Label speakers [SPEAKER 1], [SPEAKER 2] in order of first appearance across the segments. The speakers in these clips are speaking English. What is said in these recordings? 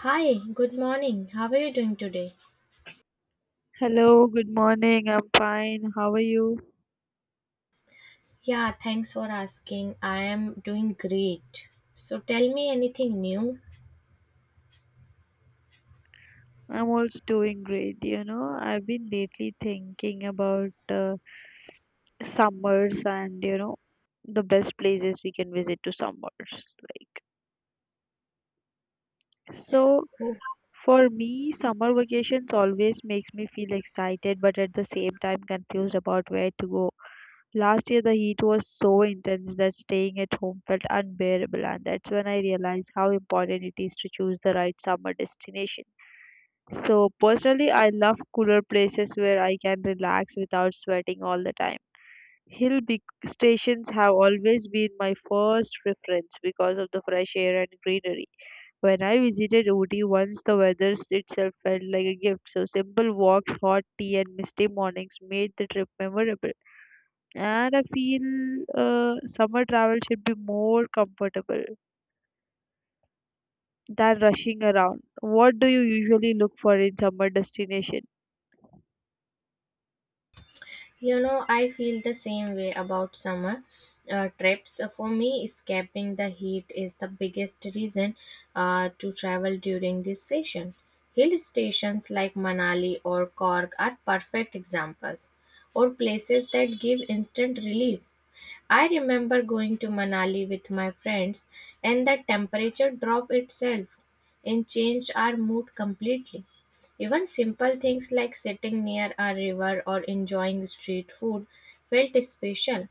[SPEAKER 1] Hi, good morning. How are you doing today?
[SPEAKER 2] Hello, good morning. I'm fine. How are you?
[SPEAKER 1] Yeah, thanks for asking. I am doing great. So tell me anything new.
[SPEAKER 2] I'm also doing great. I've been lately thinking about summers and, the best places we can visit to summers. So for me, summer vacations always makes me feel excited, but at the same time confused about where to go. Last year, the heat was so intense that staying at home felt unbearable, and that's when I realized how important it is to choose the right summer destination. So personally, I love cooler places where I can relax without sweating all the time. Stations have always been my first preference because of the fresh air and greenery. When I visited Ooty once, the weather itself felt like a gift. So simple walks, hot tea, and misty mornings made the trip memorable. And I feel summer travel should be more comfortable than rushing around. What do you usually look for in summer destination?
[SPEAKER 1] You know, I feel the same way about summer trips. For me, escaping the heat is the biggest reason to travel during this season. Hill stations like Manali or Cork are perfect examples, or places that give instant relief. I remember going to Manali with my friends, and the temperature drop itself and changed our mood completely. Even simple things like sitting near a river or enjoying street food felt special.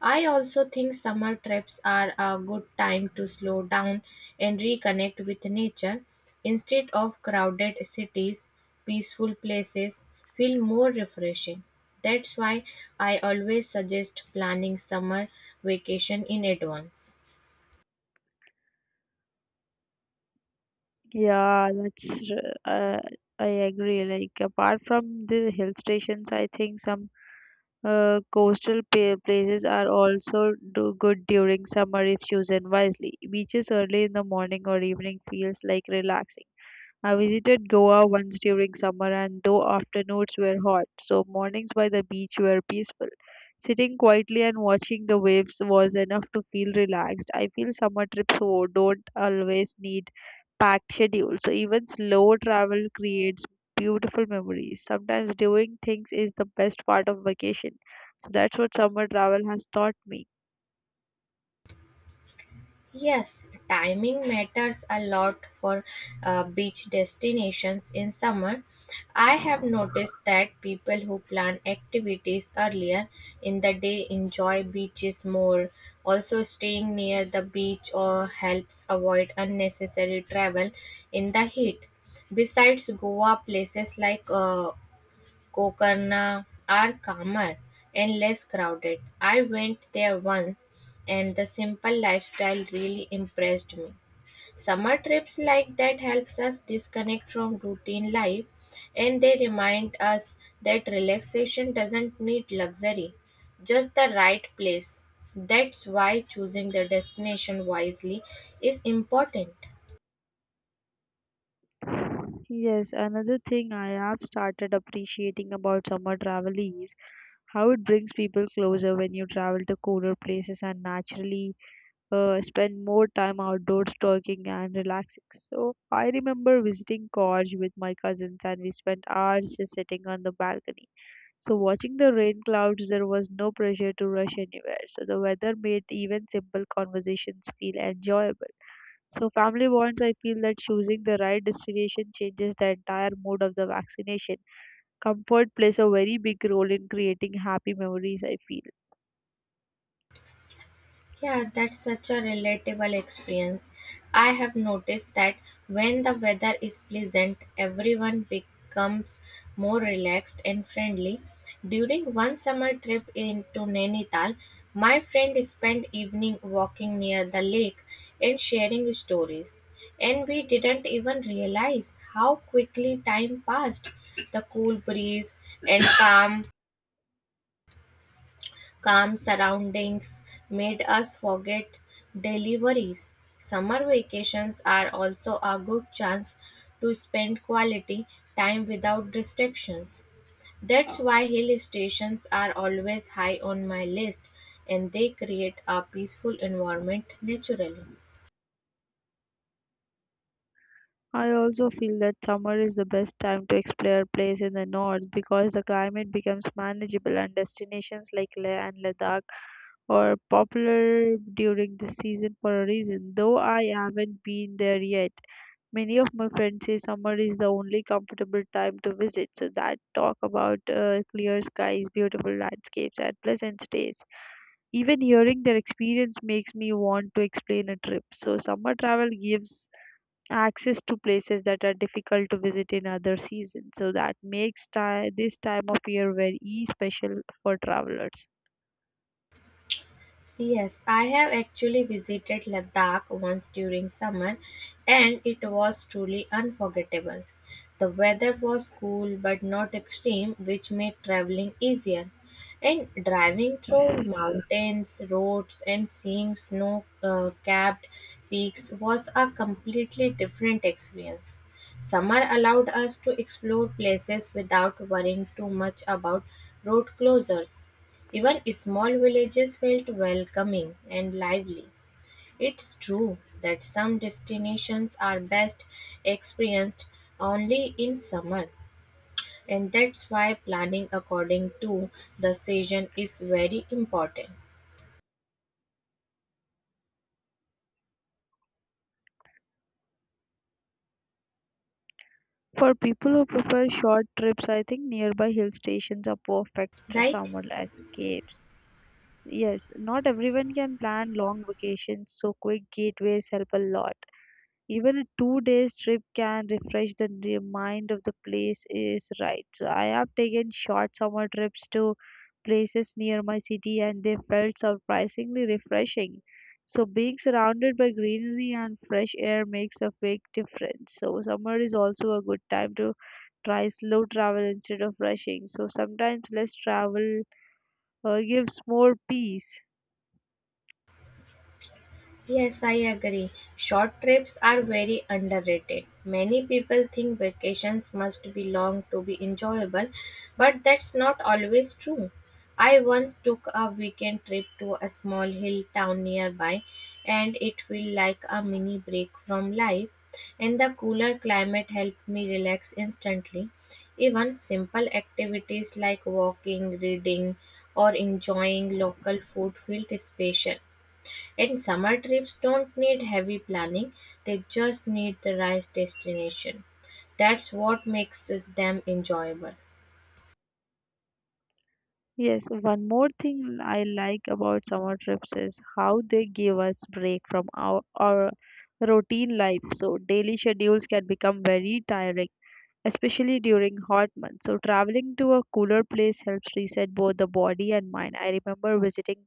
[SPEAKER 1] I also think summer trips are a good time to slow down and reconnect with nature. Instead of crowded cities, peaceful places feel more refreshing. That's why I always suggest planning summer vacation in advance.
[SPEAKER 2] Yeah, that's r- uh, I agree. Like apart from the hill stations, I think some places are also do good during summer if chosen wisely. Beaches early in the morning or evening feels like relaxing. I visited Goa once during summer, and though afternoons were hot, so mornings by the beach were peaceful. Sitting quietly and watching the waves was enough to feel relaxed. I feel summer trips ho- don't always need packed schedules, so even slow travel creates beautiful memories. Sometimes doing things is the best part of vacation. So that's what summer travel has taught me.
[SPEAKER 1] Yes, timing matters a lot for beach destinations in summer. I have noticed that people who plan activities earlier in the day enjoy beaches more. Also, staying near the beach or helps avoid unnecessary travel in the heat. Besides Goa, places like Kokarna are calmer and less crowded. I went there once and the simple lifestyle really impressed me. Summer trips like that helps us disconnect from routine life and they remind us that relaxation doesn't need luxury, just the right place. That's why choosing the destination wisely is important.
[SPEAKER 2] Yes, another thing I have started appreciating about summer travel is how it brings people closer when you travel to cooler places and naturally spend more time outdoors talking and relaxing. So I remember visiting Gorge with my cousins and we spent hours just sitting on the balcony. So watching the rain clouds, there was no pressure to rush anywhere. So the weather made even simple conversations feel enjoyable. So family bonds, I feel that choosing the right destination changes the entire mood of the vaccination. Comfort plays a very big role in creating happy memories, I feel.
[SPEAKER 1] Yeah, that's such a relatable experience. I have noticed that when the weather is pleasant, everyone becomes more relaxed and friendly. During one summer trip into Nainital, my friend spent evening walking near the lake and sharing stories. And we didn't even realize how quickly time passed. The cool breeze and calm surroundings made us forget daily worries. Summer vacations are also a good chance to spend quality time without distractions. That's why hill stations are always high on my list and they create a peaceful environment naturally.
[SPEAKER 2] I also feel that summer is the best time to explore place in the north because the climate becomes manageable and destinations like Leh and Ladakh are popular during this season for a reason, though I haven't been there yet. Many of my friends say summer is the only comfortable time to visit, so that talk about clear skies, beautiful landscapes, and pleasant stays. Even hearing their experience makes me want to explain a trip. So, summer travel gives access to places that are difficult to visit in other seasons. So, that makes this time of year very special for travelers.
[SPEAKER 1] Yes, I have actually visited Ladakh once during summer and it was truly unforgettable. The weather was cool but not extreme, which made traveling easier. And driving through mountains, roads, and seeing snow capped peaks was a completely different experience. Summer allowed us to explore places without worrying too much about road closures. Even small villages felt welcoming and lively. It's true that some destinations are best experienced only in summer, and that's why planning according to the season is very important,
[SPEAKER 2] For people who prefer short trips, I think nearby hill stations are perfect
[SPEAKER 1] right?
[SPEAKER 2] summer escapes. Yes, not everyone can plan long vacations, so quick gateways help a lot. Even a 2 day trip can refresh mind of the place is right. So I have taken short summer trips to places near my city and they felt surprisingly refreshing. So being surrounded by greenery and fresh air makes a big difference. So summer is also a good time to try slow travel instead of rushing. So sometimes less travel gives more peace.
[SPEAKER 1] Yes, I agree. Short trips are very underrated. Many people think vacations must be long to be enjoyable, but that's not always true. I once took a weekend trip to a small hill town nearby, and it felt like a mini break from life. And the cooler climate helped me relax instantly. Even simple activities like walking, reading, or enjoying local food felt special. And summer trips don't need heavy planning, they just need the right destination. That's what makes them enjoyable.
[SPEAKER 2] Yes, one more thing I like about summer trips is how they give us break from our routine life. So daily schedules can become very tiring, especially during hot months. So traveling to a cooler place helps reset both the body and mind. I remember visiting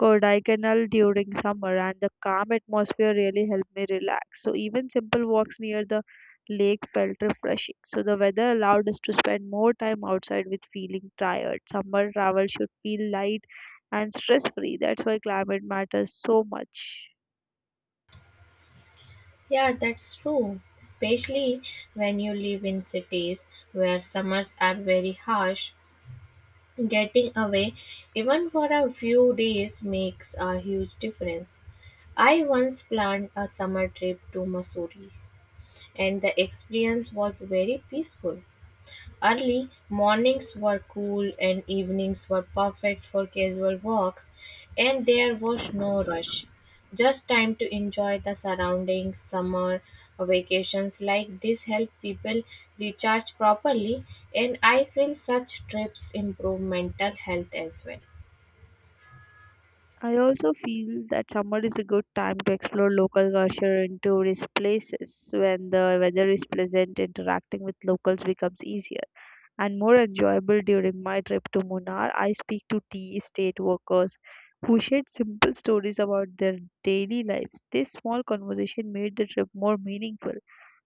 [SPEAKER 2] Kodaikanal during summer and the calm atmosphere really helped me relax. So even simple walks near the lake felt refreshing. So the weather allowed us to spend more time outside with feeling tired. Summer travel should feel light and stress free. That's why climate matters so much.
[SPEAKER 1] Yeah, that's true. Especially when you live in cities where summers are very harsh, getting away even for a few days makes a huge difference. I once planned a summer trip to Missouri, and the experience was very peaceful. Early mornings were cool and evenings were perfect for casual walks, and there was no rush. Just time to enjoy the surroundings. Summer vacations like this help people recharge properly, and I feel such trips improve mental health as well.
[SPEAKER 2] I also feel that summer is a good time to explore local culture and tourist places. When the weather is pleasant, interacting with locals becomes easier and more enjoyable during my trip to Munnar. I speak to tea estate workers who shared simple stories about their daily lives. This small conversation made the trip more meaningful.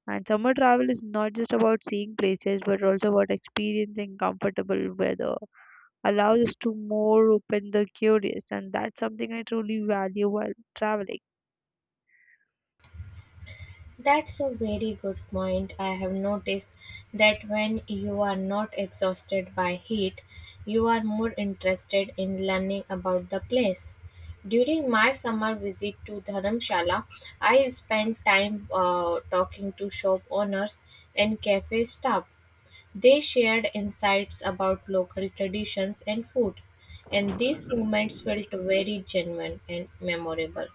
[SPEAKER 2] And summer travel is not just about seeing places but also about experiencing comfortable weather allows us to more open the curious and that's something I truly value while traveling.
[SPEAKER 1] That's a very good point. I have noticed that when you are not exhausted by heat, you are more interested in learning about the place. During my summer visit to Dharamshala, I spent time talking to shop owners and cafe staff. They shared insights about local traditions and food, and these moments felt very genuine and memorable.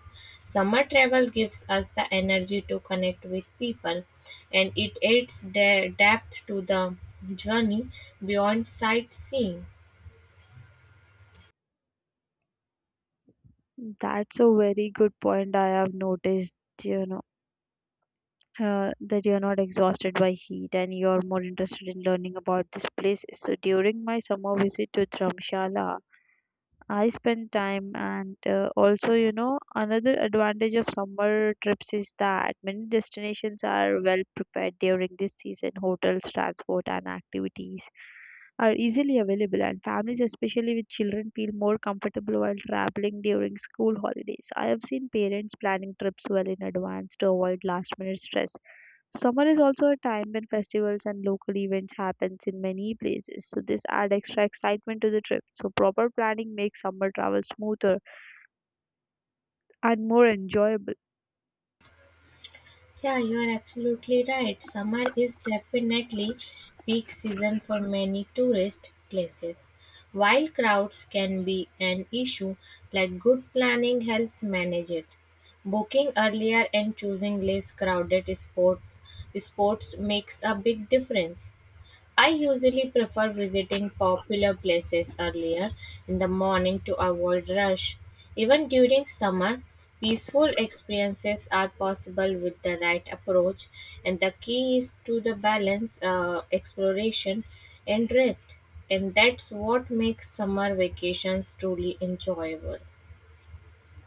[SPEAKER 1] Summer travel gives us the energy to connect with people, and it adds depth to the journey beyond sightseeing.
[SPEAKER 2] That's a very good point I have noticed, you know, that you're not exhausted by heat and you're more interested in learning about these places. So during my summer visit to Dharamshala, I spend time and also, another advantage of summer trips is that many destinations are well prepared during this season. Hotels, transport, and activities are easily available, and families, especially with children, feel more comfortable while traveling during school holidays. I have seen parents planning trips well in advance to avoid last minute stress. Summer is also a time when festivals and local events happens in many places, so this add extra excitement to the trip. So proper planning makes summer travel smoother and more enjoyable.
[SPEAKER 1] Yeah, you are absolutely right. Summer is definitely peak season for many tourist places. While crowds can be an issue, like good planning helps manage it. Booking earlier and choosing less crowded sports makes a big difference. I usually prefer visiting popular places earlier in the morning to avoid rush. Even during summer, peaceful experiences are possible with the right approach, and the key is to the balance, exploration, and rest. And that's what makes summer vacations truly enjoyable.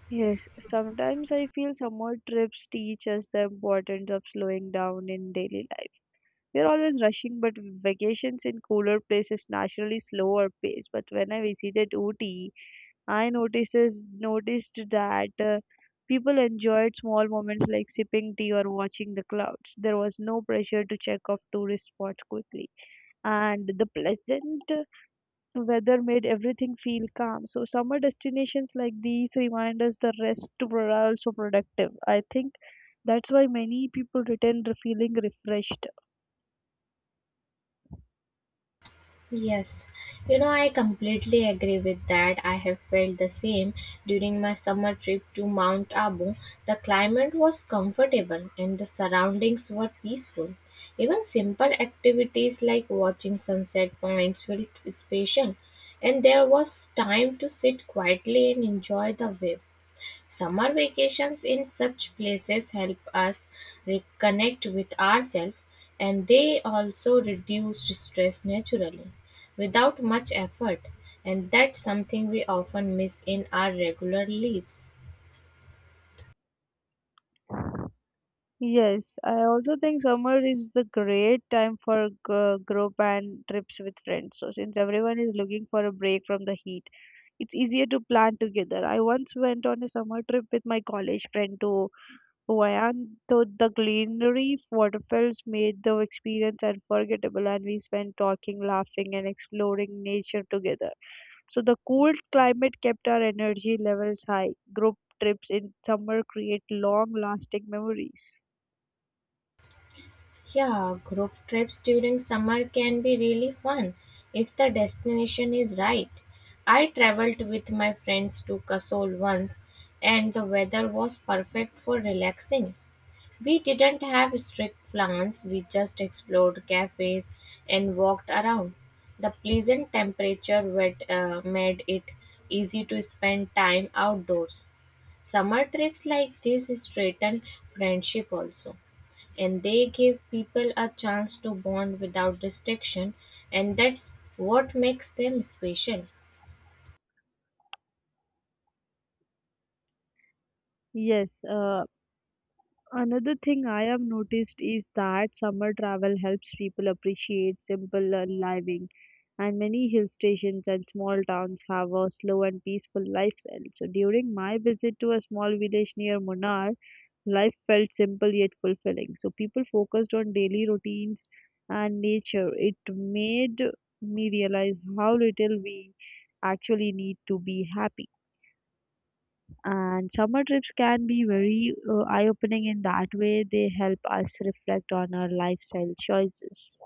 [SPEAKER 2] Yes, sometimes I feel summer trips teach us the importance of slowing down in daily life. We're always rushing, but vacations in cooler places naturally slower pace. But when I visited Ooty, I notices noticed that people enjoyed small moments like sipping tea or watching the clouds. There was no pressure to check off tourist spots quickly, and the pleasant weather made everything feel calm. So summer destinations like these remind us the rest were also productive. I think that's why many people feeling refreshed.
[SPEAKER 1] Yes, you know, I completely agree with that. I have felt the same during my summer trip to Mount Abu. The climate was comfortable and the surroundings were peaceful. Even simple activities like watching sunset points felt special, and there was time to sit quietly and enjoy the view. Summer vacations in such places help us reconnect with ourselves and they also reduce stress naturally without much effort and that's something we often miss in our regular lives.
[SPEAKER 2] Yes, I also think summer is a great time for group and trips with friends. So, since everyone is looking for a break from the heat, it's easier to plan together. I once went on a summer trip with my college friend to Hawaii, and the greenery waterfalls made the experience unforgettable, and we spent talking, laughing, and exploring nature together. So, the cool climate kept our energy levels high. Group trips in summer create long-lasting memories.
[SPEAKER 1] Yeah, group trips during summer can be really fun if the destination is right. I traveled with my friends to Kasol once and the weather was perfect for relaxing. We didn't have strict plans, we just explored cafes and walked around. The pleasant temperature made it easy to spend time outdoors. Summer trips like this strengthen friendship also, and they give people a chance to bond without restriction, and that's what makes them special.
[SPEAKER 2] Yes, another thing I have noticed is that summer travel helps people appreciate simple living, and many hill stations and small towns have a slow and peaceful lifestyle. So during my visit to a small village near Munnar, life felt simple yet fulfilling. So people focused on daily routines and nature. It made me realize how little we actually need to be happy. And summer trips can be very eye opening in that way, they help us reflect on our lifestyle choices.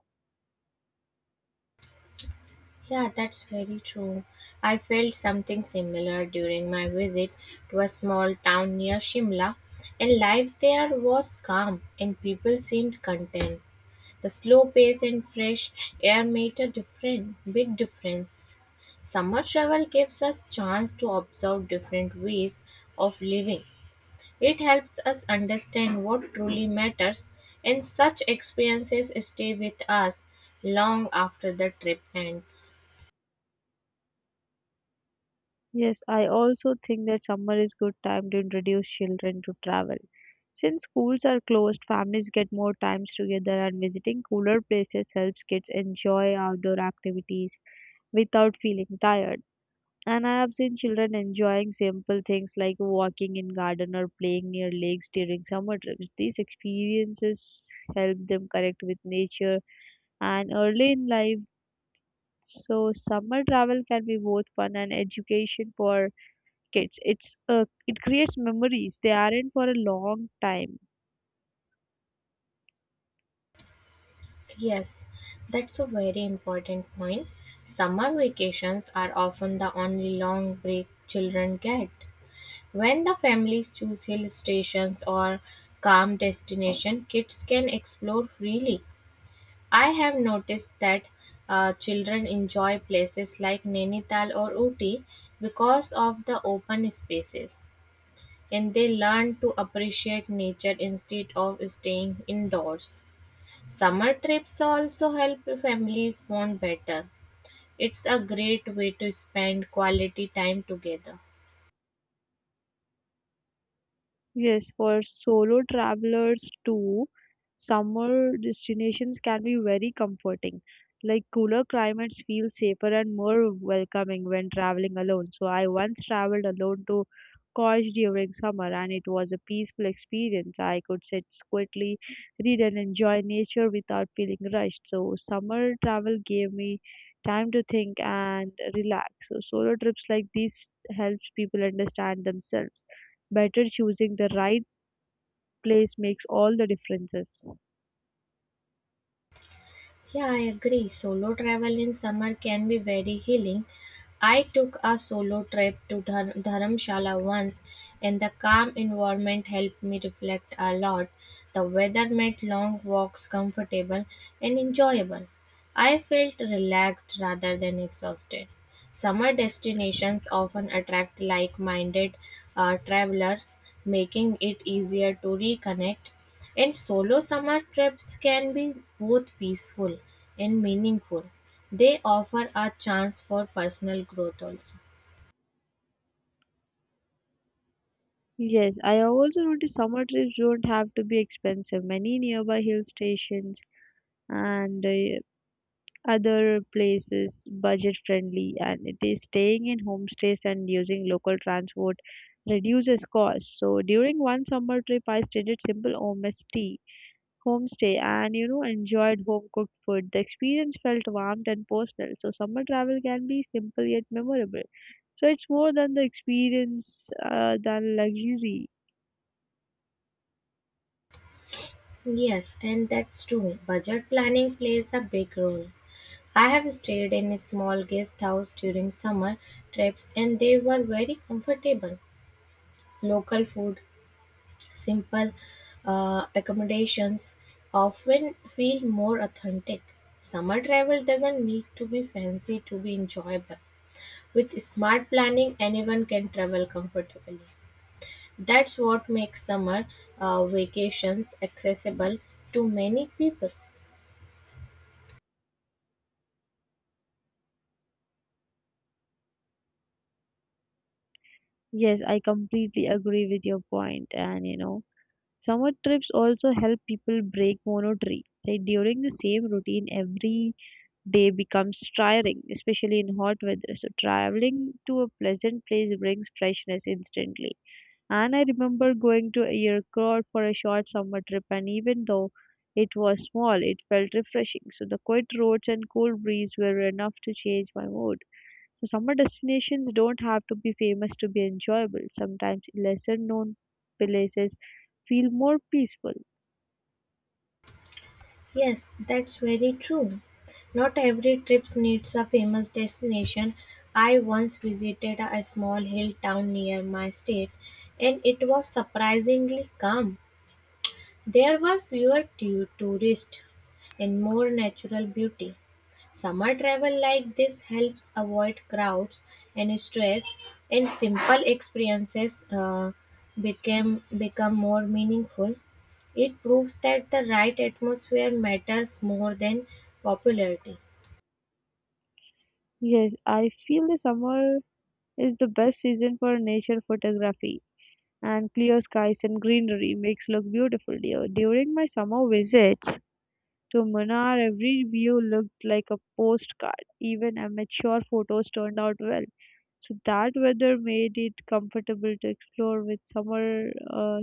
[SPEAKER 1] Yeah, that's very true. I felt something similar during my visit to a small town near Shimla, and life there was calm and people seemed content. The slow pace and fresh air made a big difference. Summer travel gives us chance to observe different ways of living. It helps us understand what truly matters, and such experiences stay with us long after the trip ends.
[SPEAKER 2] Yes, I also think that summer is good time to introduce children to travel. Since schools are closed, families get more times together and visiting cooler places helps kids enjoy outdoor activities without feeling tired. And I have seen children enjoying simple things like walking in garden or playing near lakes during summer trips. These experiences help them connect with nature and early in life. So summer travel can be both fun and education for kids. It creates memories. They aren't for a long time.
[SPEAKER 1] Yes, that's a very important point. Summer vacations are often the only long break children get. When the families choose hill stations or calm destination, kids can explore freely. I have noticed that children enjoy places like Nainital or Uti because of the open spaces, and they learn to appreciate nature instead of staying indoors. Summer trips also help families bond better. It's a great way to spend quality time together.
[SPEAKER 2] Yes, for solo travelers too, summer destinations can be very comforting. Like cooler climates feel safer and more welcoming when traveling alone. So I once traveled alone to Kosh during summer and it was a peaceful experience. I could sit quietly, read and enjoy nature without feeling rushed. So summer travel gave me time to think and relax. So solo trips like these helps people understand themselves better choosing the right place makes all the differences.
[SPEAKER 1] Yeah, I agree. Solo travel in summer can be very healing. I took a solo trip to Dharamshala once, and the calm environment helped me reflect a lot. The weather made long walks comfortable and enjoyable. I felt relaxed rather than exhausted. Summer destinations often attract like minded travelers, making it easier to reconnect. And solo summer trips can be both peaceful and meaningful. They offer a chance for personal growth also.
[SPEAKER 2] Yes, I have also noticed summer trips don't have to be expensive. Many nearby hill stations and other places budget friendly and it is staying in homestays and using local transport reduces costs. So during one summer trip I stayed at simple home tea homestay and enjoyed home cooked food. The experience felt warm and personal. So summer travel can be simple yet memorable. So it's more than the experience than luxury.
[SPEAKER 1] Yes, and that's true. Budget planning plays a big role. I have stayed in a small guest house during summer trips and they were very comfortable. Local food, simple accommodations often feel more authentic. Summer travel doesn't need to be fancy to be enjoyable. With smart planning, anyone can travel comfortably. That's what makes summer vacations accessible to many people.
[SPEAKER 2] Yes, I completely agree with your point. And summer trips also help people break monotony. Like during the same routine every day becomes tiring, especially in hot weather. So traveling to a pleasant place brings freshness instantly. And I remember going to Yercaud for a short summer trip, and even though it was small, it felt refreshing. So the quiet roads and cool breeze were enough to change my mood. So summer destinations don't have to be famous to be enjoyable. Sometimes lesser known places feel more peaceful.
[SPEAKER 1] Yes, that's very true. Not every trip needs a famous destination. I once visited a small hill town near my state and it was surprisingly calm. There were fewer tourists and more natural beauty. Summer travel like this helps avoid crowds and stress, and simple experiences became become more meaningful. It proves that the right atmosphere matters more than popularity.
[SPEAKER 2] Yes, I feel the summer is the best season for nature photography and clear skies and greenery makes look beautiful dear. During my summer visits, to Munnar, every view looked like a postcard. Even amateur photos turned out well. So that weather made it comfortable to explore. With summer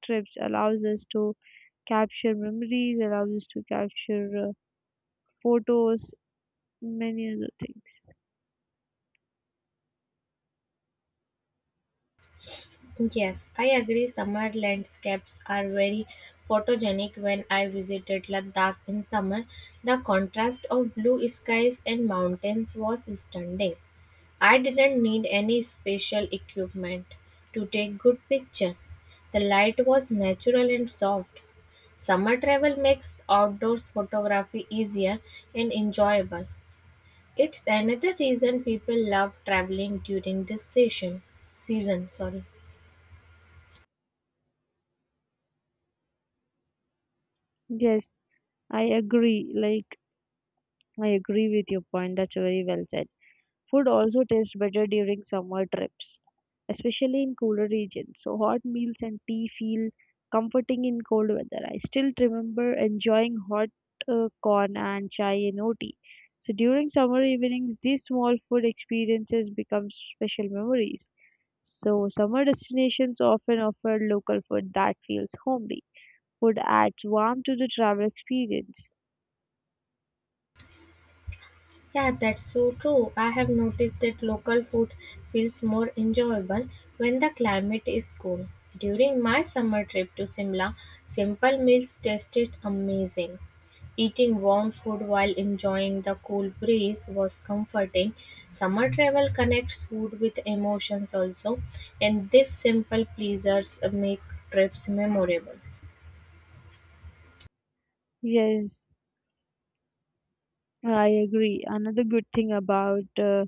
[SPEAKER 2] trips, allows us to capture memories, allows us to capture photos, many other things.
[SPEAKER 1] Yes, I agree. Summer landscapes are very photogenic. When I visited Ladakh in summer, the contrast of blue skies and mountains was stunning. I didn't need any special equipment to take good picture. The light was natural and soft. Summer travel makes outdoors photography easier and enjoyable. It's another reason people love traveling during this session season, sorry.
[SPEAKER 2] Yes, I agree. I agree with your point. That's very well said. Food also tastes better during summer trips, especially in cooler regions. So hot meals and tea feel comforting in cold weather. I still remember enjoying hot corn and chai in OT. So during summer evenings, these small food experiences become special memories. So summer destinations often offer local food that feels homely. Food adds warmth to the travel experience.
[SPEAKER 1] Yeah, that's so true. I have noticed that local food feels more enjoyable when the climate is cool. During my summer trip to Simla, simple meals tasted amazing. Eating warm food while enjoying the cool breeze was comforting. Summer travel connects food with emotions also, and these simple pleasures make trips memorable.
[SPEAKER 2] Yes, I agree. Another good thing about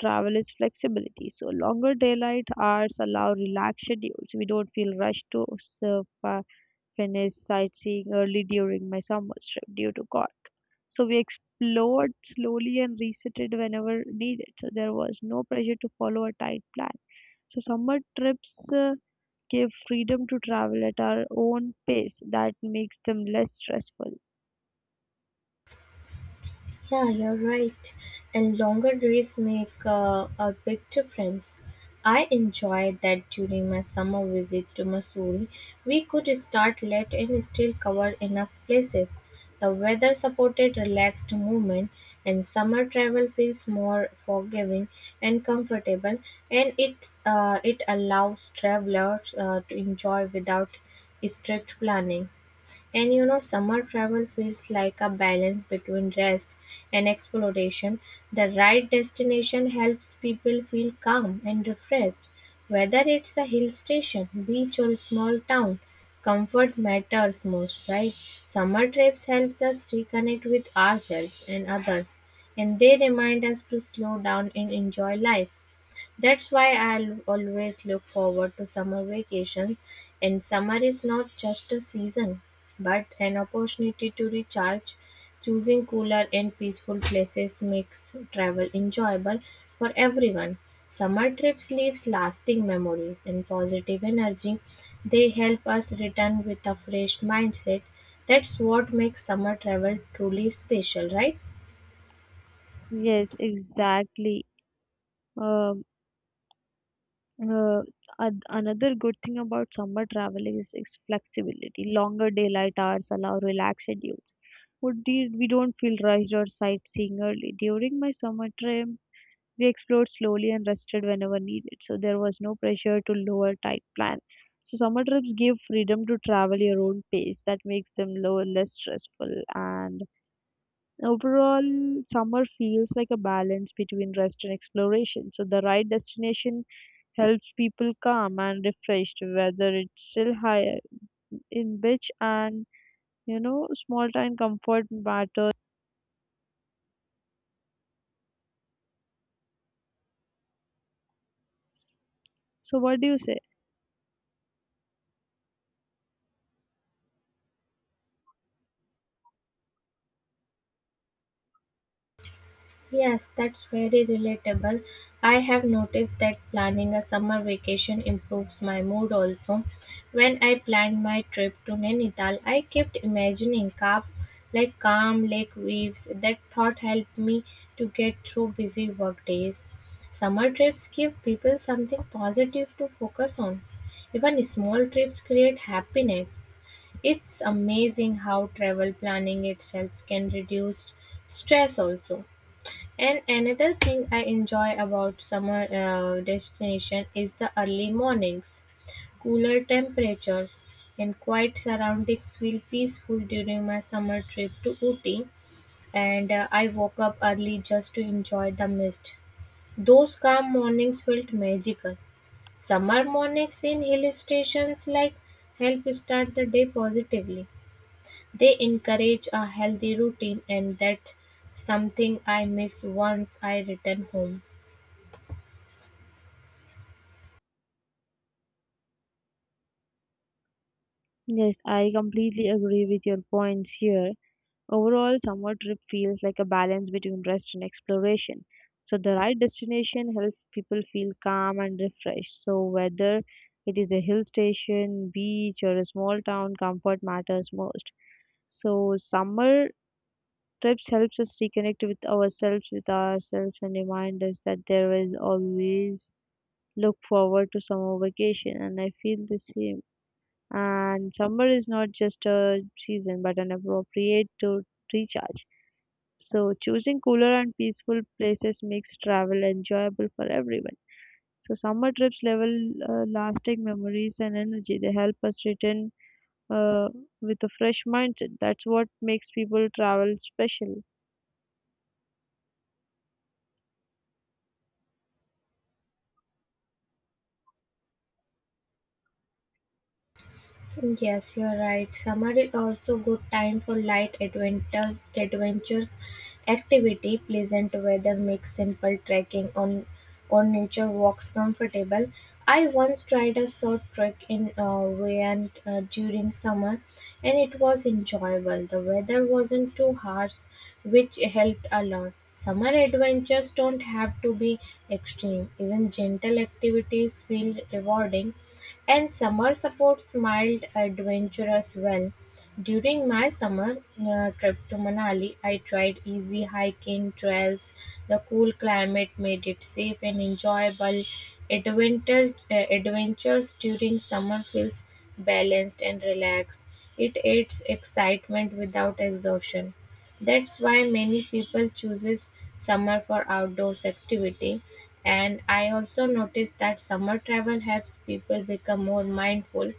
[SPEAKER 2] travel is flexibility. So longer daylight hours allow relaxed schedules. We don't feel rushed to finish sightseeing early during my summer trip due to Cork. So we explored slowly and reseated whenever needed. So there was no pressure to follow a tight plan. So summer trips give freedom to travel at our own pace. That makes them less stressful.
[SPEAKER 1] Yeah, you're right. And longer days make a big difference. I enjoyed that during my summer visit to Missouri. We could start late and still cover enough places. The weather supported relaxed movement, and summer travel feels more forgiving and comfortable, and it allows travelers to enjoy without strict planning. And you know, summer travel feels like a balance between rest and exploration. The right destination helps people feel calm and refreshed. Whether it's a hill station, beach, or a small town, comfort matters most, right? Summer trips helps us reconnect with ourselves and others, and they remind us to slow down and enjoy life. That's why I always look forward to summer vacations, and summer is not just a season, but an opportunity to recharge. Choosing cooler and peaceful places makes travel enjoyable for everyone. Summer trips leaves lasting memories and positive energy. They help us return with a fresh mindset. That's what makes summer travel truly special, right?
[SPEAKER 2] Yes, exactly. Um, Uh, Another good thing about summer travel is flexibility. Longer daylight hours allow relaxed schedules. Would we don't feel rushed or sightseeing early. During my summer trip, we explored slowly and rested whenever needed, so there was no pressure to lower tight plan. So summer trips give freedom to travel your own pace. That makes them lower, less stressful, and overall, summer feels like a balance between rest and exploration. So the right destination helps people calm and refreshed, whether it's still higher in beach and small time comfort matters. So, what do you say?
[SPEAKER 1] Yes, that's very relatable. I have noticed that planning a summer vacation improves my mood also. When I planned my trip to Nainital, I kept imagining calm, like calm lake waves. That thought helped me to get through busy work days. Summer trips give people something positive to focus on. Even small trips create happiness. It's amazing how travel planning itself can reduce stress also. And another thing I enjoy about summer destination is the early mornings. Cooler temperatures and quiet surroundings feel peaceful during my summer trip to Ooty, and I woke up early just to enjoy the mist. Those calm mornings felt magical. Summer mornings in hill stations like help start the day positively. They encourage a healthy routine, and that's something I miss once I return home.
[SPEAKER 2] Yes, I completely agree with your points here. Overall, summer trip feels like a balance between rest and exploration. So the right destination helps people feel calm and refreshed. So whether it is a hill station, beach, or a small town, comfort matters most. So summer trips helps us reconnect with ourselves, and remind us that there is always look forward to summer vacation. And I feel the same. And summer is not just a season, but an appropriate to recharge. So choosing cooler and peaceful places makes travel enjoyable for everyone. So summer trips level lasting memories and energy. They help us return uh, with a fresh mindset. That's what makes people travel special.
[SPEAKER 1] Yes, you're right. Summer is also good time for light adventures activity. Pleasant weather makes simple trekking on or nature walks comfortable. I once tried a short trek in Wayne during summer, and it was enjoyable. The weather wasn't too harsh, which helped a lot. Summer adventures don't have to be extreme. Even gentle activities feel rewarding and summer supports mild adventurous well. During my summer trip to Manali, I tried easy hiking trails. The cool climate made it safe and enjoyable. Adventures during summer feels balanced and relaxed. It aids excitement without exhaustion. That's why many people chooses summer for outdoors activity. And I also noticed that summer travel helps people become more mindful.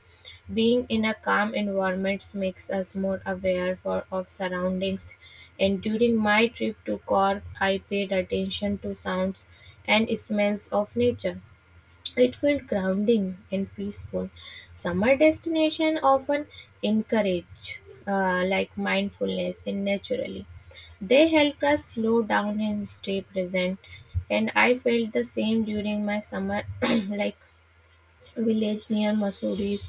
[SPEAKER 1] Being in a calm environment makes us more aware of surroundings. And during my trip to Cork, I paid attention to sounds and smells of nature. It felt grounding and peaceful. Summer destinations often encourage like mindfulness and naturally. They helped us slow down and stay present. And I felt the same during my summer like village near Mussoorie,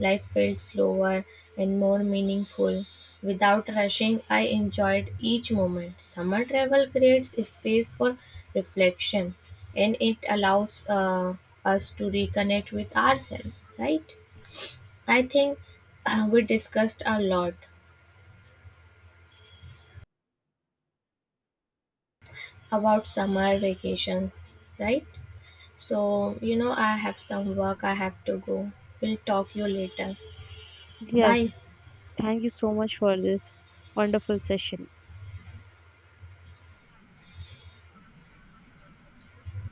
[SPEAKER 1] life felt slower and more meaningful. Without rushing, I enjoyed each moment. Summer travel creates space for reflection and it allows us to reconnect with ourselves, right? I think we discussed a lot about summer vacation, right? So, you know, I have some work I have to go. We'll talk you later.
[SPEAKER 2] Yes,
[SPEAKER 1] Bye.
[SPEAKER 2] thank you so much for this wonderful session.